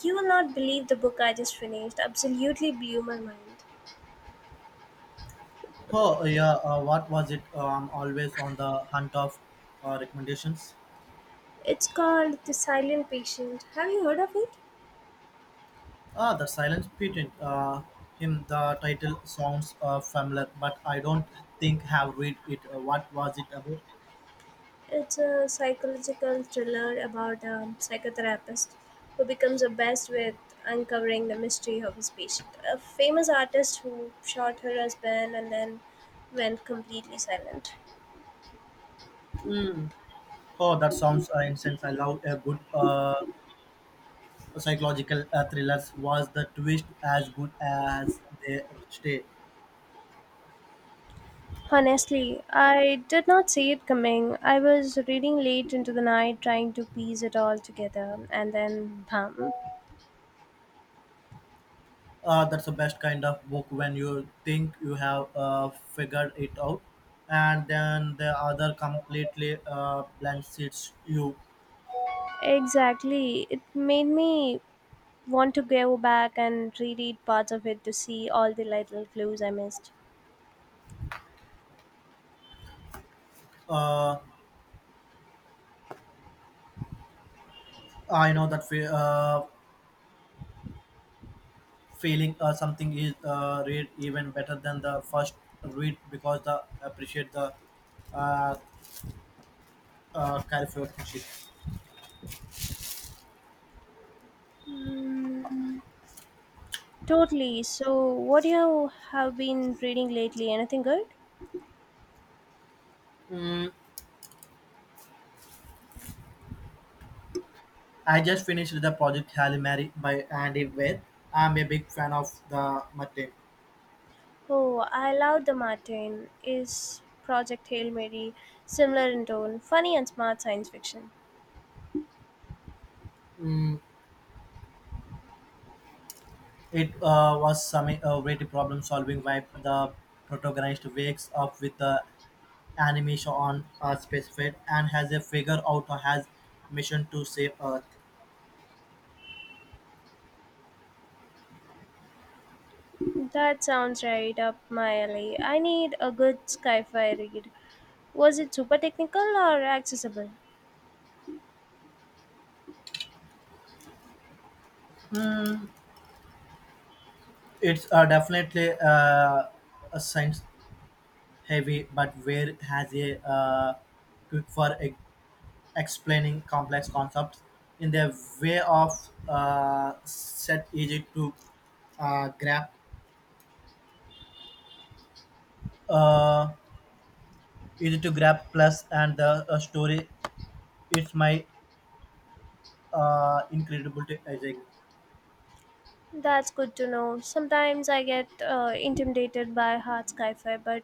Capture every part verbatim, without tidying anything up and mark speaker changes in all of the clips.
Speaker 1: You will not believe the book I just finished. Absolutely blew my mind.
Speaker 2: Oh yeah, uh, what was it? Uh, I'm always on the hunt of uh, recommendations.
Speaker 1: It's called The Silent Patient. Have you heard of it?
Speaker 2: Ah, the Silent Patent. Uh, him, the title sounds uh, familiar, but I don't think have read it. Uh, what was it about?
Speaker 1: It's a psychological thriller about a psychotherapist who becomes obsessed with uncovering the mystery of his patient. A famous artist who shot her husband and then went completely silent.
Speaker 2: Oh, that sounds uh, intense. I love a good uh, psychological uh, thrillers. Was the twist as good as they stay?
Speaker 1: Honestly, I did not see it coming. I was reading late into the night trying to piece it all together, and then bam.
Speaker 2: Uh, that's the best kind of book when you think you have uh, figured it out, and then the other completely uh, blanchets you.
Speaker 1: Exactly. It made me want to go back and reread parts of it to see all the little clues I missed.
Speaker 2: Uh, I know that fe- uh, feeling uh, something is uh, read even better than the first read because the appreciate the uh, uh, characteristic.
Speaker 1: Mm, totally. So, what do you have been reading lately? Anything good?
Speaker 2: Mm, I just finished the project Halle Mary by Andy Weir. I'm a big fan of the Mate.
Speaker 1: Oh, I love the Martin. Is Project Hail Mary similar in tone, funny and smart science fiction?
Speaker 2: Mm, It uh, was some uh, great problem solving vibe. The protagonist wakes up with the animation on a specific and has a figure out or has mission to save Earth.
Speaker 1: That sounds right up my alley. I need a good sci-fi read. Was it super technical or accessible?
Speaker 2: It's uh, definitely uh, a science heavy, but where has a uh, quick for e- explaining complex concepts in their way of uh, set easy to uh, grab uh, easy to grab plus and the uh, story it's my uh, incredible. t- I think
Speaker 1: That's good to know. Sometimes I get uh, intimidated by hard sci-fi, but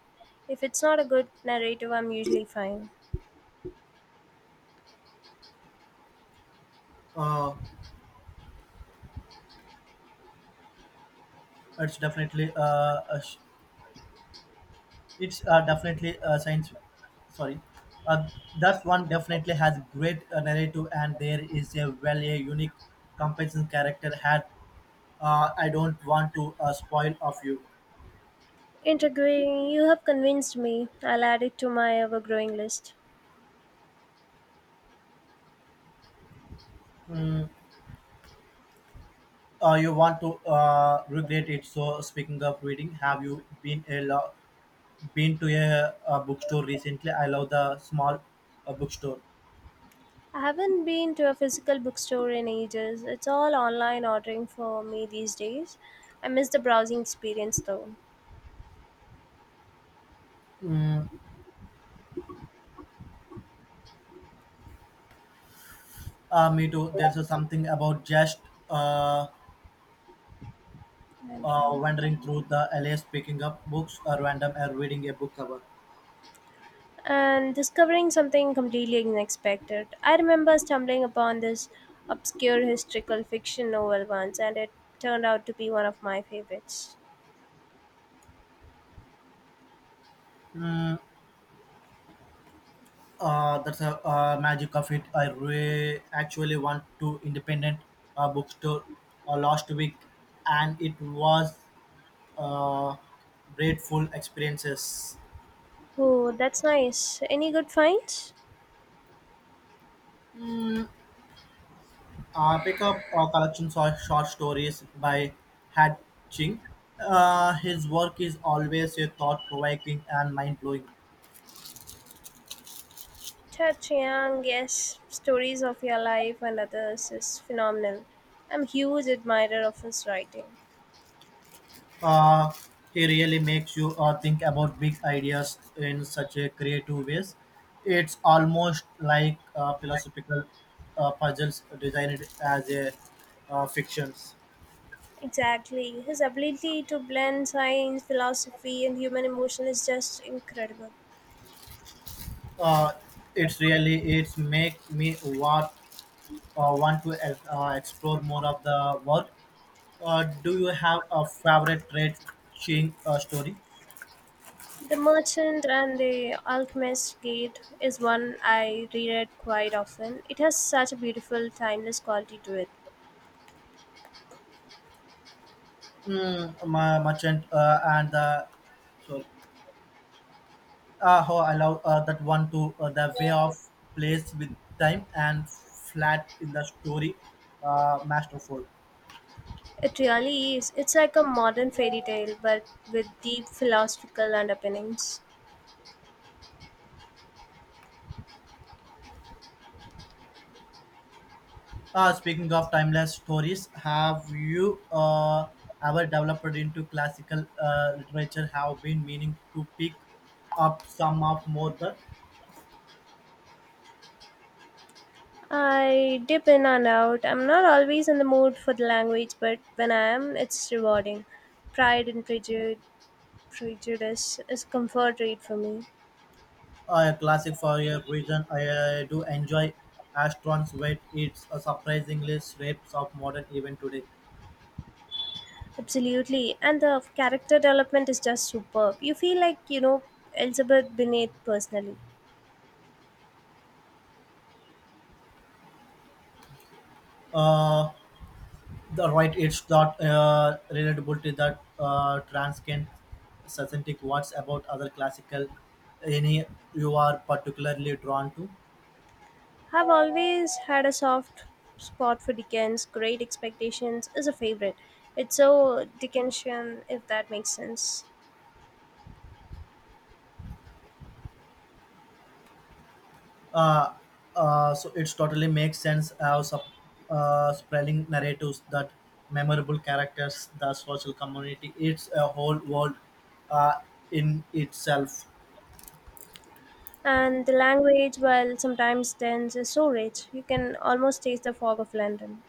Speaker 1: if it's not a good narrative, I'm usually fine.
Speaker 2: uh, it's definitely uh, a sh- it's uh, definitely a science. Sorry, uh, that one definitely has great uh, narrative, and there is a very unique compensation character had. Uh, I don't want to uh, spoil of you.
Speaker 1: Integrating, you have convinced me. I'll add it to my ever-growing list.
Speaker 2: Mm, uh, you want to uh, regret it. So speaking of reading, have you been a lo- been to a, a bookstore recently? I love the small uh, bookstore.
Speaker 1: I haven't been to a physical bookstore in ages. It's all online ordering for me these days. I miss the browsing experience though.
Speaker 2: Mm, Uh, me too. There's a something about just uh,
Speaker 1: And
Speaker 2: uh, wandering through the LAs, picking up books or random or reading a book cover.
Speaker 1: and discovering something completely unexpected. I remember stumbling upon this obscure historical fiction novel once, and it turned out to be one of my favorites.
Speaker 2: Mm, uh, that's a uh, magic of it. I re- actually went to independent uh, bookstore uh, last week, and it was uh, grateful experiences.
Speaker 1: Oh, that's nice. Any good finds?
Speaker 2: Uh, pick up uh, collections of short stories by Had Ching. Uh, his work is always a thought-provoking and mind-blowing.
Speaker 1: Touch Young, yes, stories of your life and others is phenomenal. I'm a huge admirer of his writing.
Speaker 2: Uh, he really makes you uh, think about big ideas in such a creative ways. It's almost like uh, philosophical uh, puzzles designed as a uh, fictions.
Speaker 1: Exactly. His ability to blend science, philosophy, and human emotion is just incredible.
Speaker 2: Uh, it's really it's make me want uh, want to uh, uh, explore more of the work. Uh, do you have a favorite trade seeing uh, story?
Speaker 1: The Merchant and the Alchemist's Gate is one I reread quite often. It has such a beautiful, timeless quality to it.
Speaker 2: Mm, Ma- merchant uh, and the sorry. uh, how I love uh, that one too. Uh, the way of plays with time and flat in the story, uh, masterful.
Speaker 1: It really is. It's like a modern fairy tale, but with deep philosophical underpinnings.
Speaker 2: Uh, speaking of timeless stories, have you uh, ever developed into classical uh, literature? Have been meaning to pick up some of more that
Speaker 1: I dip in and out. I'm not always in the mood for the language, but when I am, it's rewarding. Pride and Prejud- Prejudice is a comfort read for me.
Speaker 2: uh, classic for a reason. I uh, do enjoy Astron's Wait. It's a surprisingly sweeps of modern even today.
Speaker 1: Absolutely. And the character development is just superb. You feel like you know Elizabeth Bennet personally.
Speaker 2: Uh, the right it's not uh, relatable to that uh, transcend synthetic what's about other classical any you are particularly drawn to
Speaker 1: Have always had a soft spot for Dickens. Great Expectations is a favorite. It's so Dickensian, if that makes sense.
Speaker 2: uh, uh, so it's totally makes sense how sub, uh, spelling narratives that memorable characters the social community it's a whole world uh, in itself.
Speaker 1: And the language, while sometimes dense, is so rich. You can almost taste the fog of London.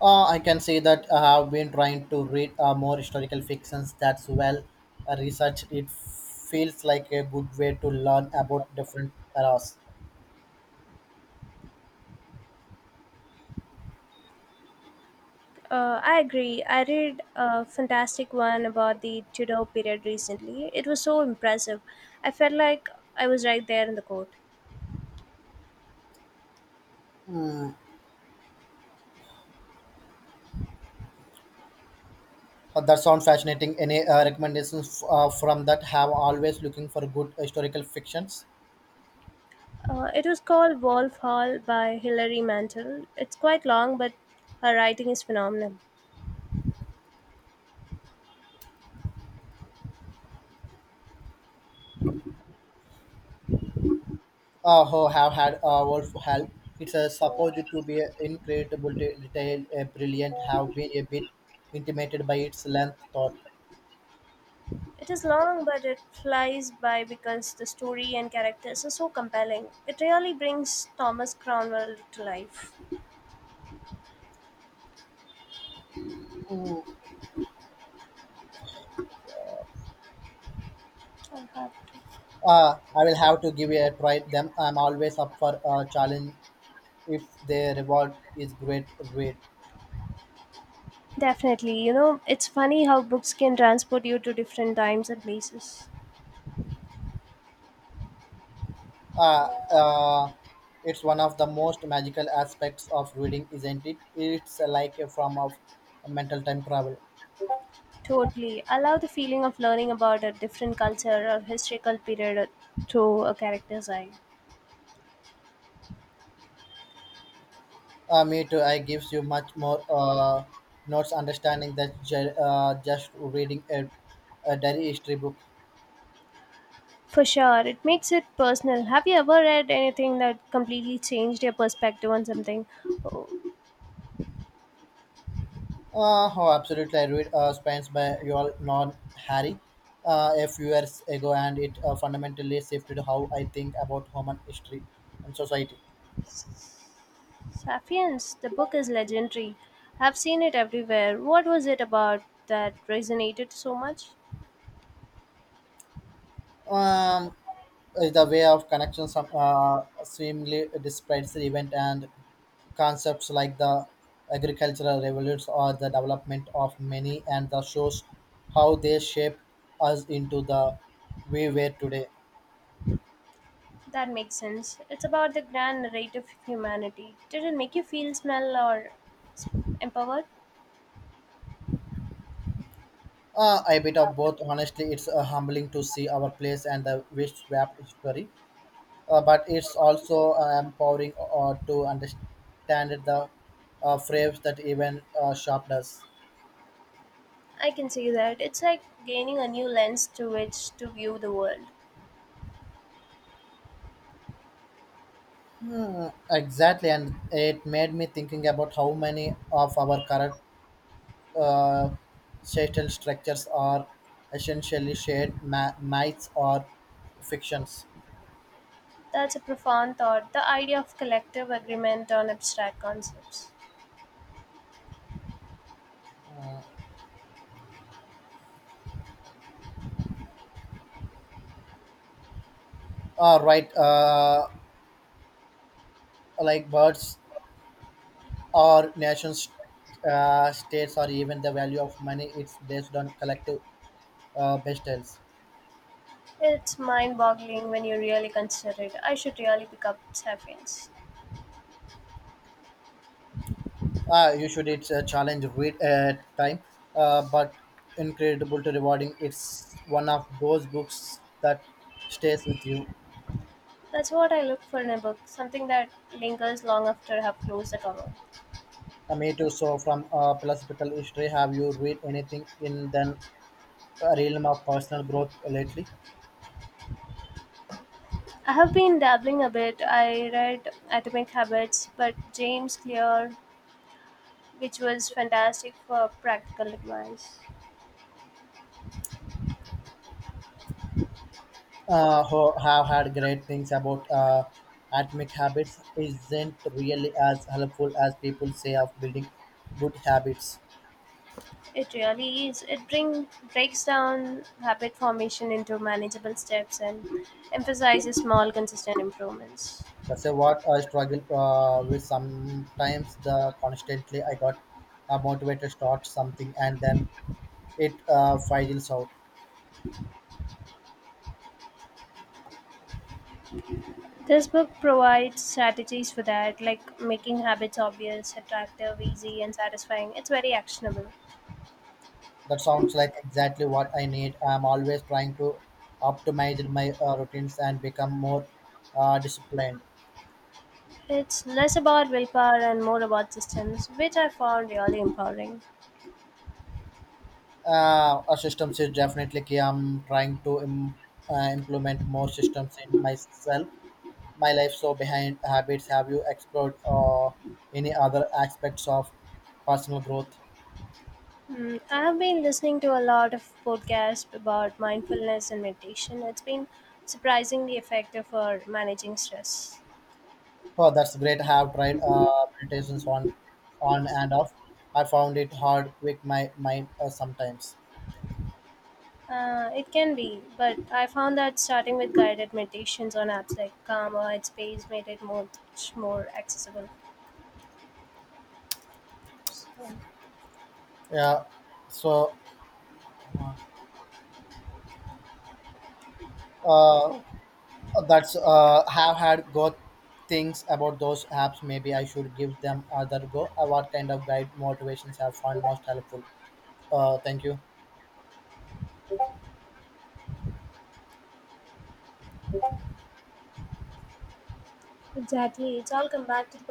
Speaker 2: Uh, I can say that I have been trying to read uh, more historical fictions that's well uh, researched. It feels like a good way to learn about different eras.
Speaker 1: Uh, I agree. I read a fantastic one about the Tudor period recently. It was so impressive. I felt like I was right there in the court.
Speaker 2: Uh, that sounds fascinating. Any uh, recommendations uh, from that? Have always looking for good historical fictions.
Speaker 1: Uh, it was called Wolf Hall by Hilary Mantel. It's quite long, but her writing is phenomenal.
Speaker 2: Uh, who have had uh, Wolf Hell. It's uh, supposed to be incredible de- detail, uh, brilliant. Have been a bit intimidated by its length. Thought.
Speaker 1: It is long, but it flies by because the story and characters are so compelling. It really brings Thomas Cromwell to life.
Speaker 2: Ooh,
Speaker 1: Uh-huh.
Speaker 2: uh, I will have to give it a try. Them, I'm always up for a challenge if their reward is great read.
Speaker 1: Definitely. You know, it's funny how books can transport you to different times and places.
Speaker 2: Uh, uh, it's one of the most magical aspects of reading, isn't it? It's like a form of mental time travel.
Speaker 1: Totally. I love the feeling of learning about a different culture or historical period through a character's eye.
Speaker 2: Uh, me too. I gives you much more uh, notes understanding that ju- uh, just reading a, a diary history book.
Speaker 1: For sure, it makes it personal. Have you ever read anything that completely changed your perspective on something? Oh,
Speaker 2: Uh, oh, absolutely. I read uh, Spines by Yoel Non Harry uh, a few years ago, and it uh, fundamentally shifted how I think about human history and society.
Speaker 1: Sapiens, the book is legendary. I've seen it everywhere. What was it about that resonated so much?
Speaker 2: Um, is the way of connection some uh, seemingly describes the event and concepts like the agricultural revolution or the development of many and the shows how they shape us into the we were today
Speaker 1: That makes sense. It's about the grand narrative of humanity. Did it make you feel smell or empowered?
Speaker 2: uh, a bit of both honestly it's uh, humbling to see our place and the rich wrapped history uh, but it's also uh, empowering uh, to understand the uh, frames that even uh, shaped us.
Speaker 1: I can see that. It's like gaining a new lens through which to view the world.
Speaker 2: Hmm, exactly, and it made me thinking about how many of our current uh, social structures are essentially shared ma- myths or fictions.
Speaker 1: That's a profound thought, the idea of collective agreement on abstract concepts.
Speaker 2: Uh, right, uh, like birds or nations, uh, states, or even the value of money, it's based on collective uh, bestels.
Speaker 1: It's mind boggling when you really consider it. I should really pick up Sapiens.
Speaker 2: Uh, you should. It's a challenge read at time, uh, but incredible to rewarding. It's one of those books that stays with you.
Speaker 1: That's what I look for in a book, something that lingers long after I have closed the cover.
Speaker 2: Uh, me too. So, from uh, philosophical history, have you read anything in the realm of personal growth lately?
Speaker 1: I have been dabbling a bit. I read Atomic Habits, but James Clear, which was fantastic for practical advice.
Speaker 2: Uh, who have had great things about uh, atomic habits isn't really as helpful as people say of building good habits.
Speaker 1: It really is. It bring, breaks down habit formation into manageable steps and emphasizes small, consistent improvements.
Speaker 2: That's a, what I struggle uh, with sometimes. The constantly I got uh, motivated to start something and then it uh, fizzles out.
Speaker 1: This book provides strategies for that, like making habits obvious, attractive, easy, and satisfying. It's very actionable.
Speaker 2: That sounds like exactly what I need. I'm always trying to optimize my uh, routines and become more uh, disciplined.
Speaker 1: It's less about willpower and more about systems, which I found really empowering.
Speaker 2: Uh, our systems is definitely key. I'm trying to Im- uh, implement more systems in myself. My life so behind habits. Have you explored uh, any other aspects of personal growth?
Speaker 1: Mm, I have been listening to a lot of podcasts about mindfulness and meditation. It's been surprisingly effective for managing stress.
Speaker 2: Oh, that's great. I have tried uh, meditations on, on and off. I found it hard with my mind uh, sometimes.
Speaker 1: Uh, it can be, but I found that starting with guided meditations on apps like Calm or Headspace made it much more accessible. So,
Speaker 2: Yeah. So, uh, that's uh, have had good things about those apps. Maybe I should give them other go. Uh, what kind of guide motivations have found most helpful? Uh, thank you.
Speaker 1: exactly. It's all come back to the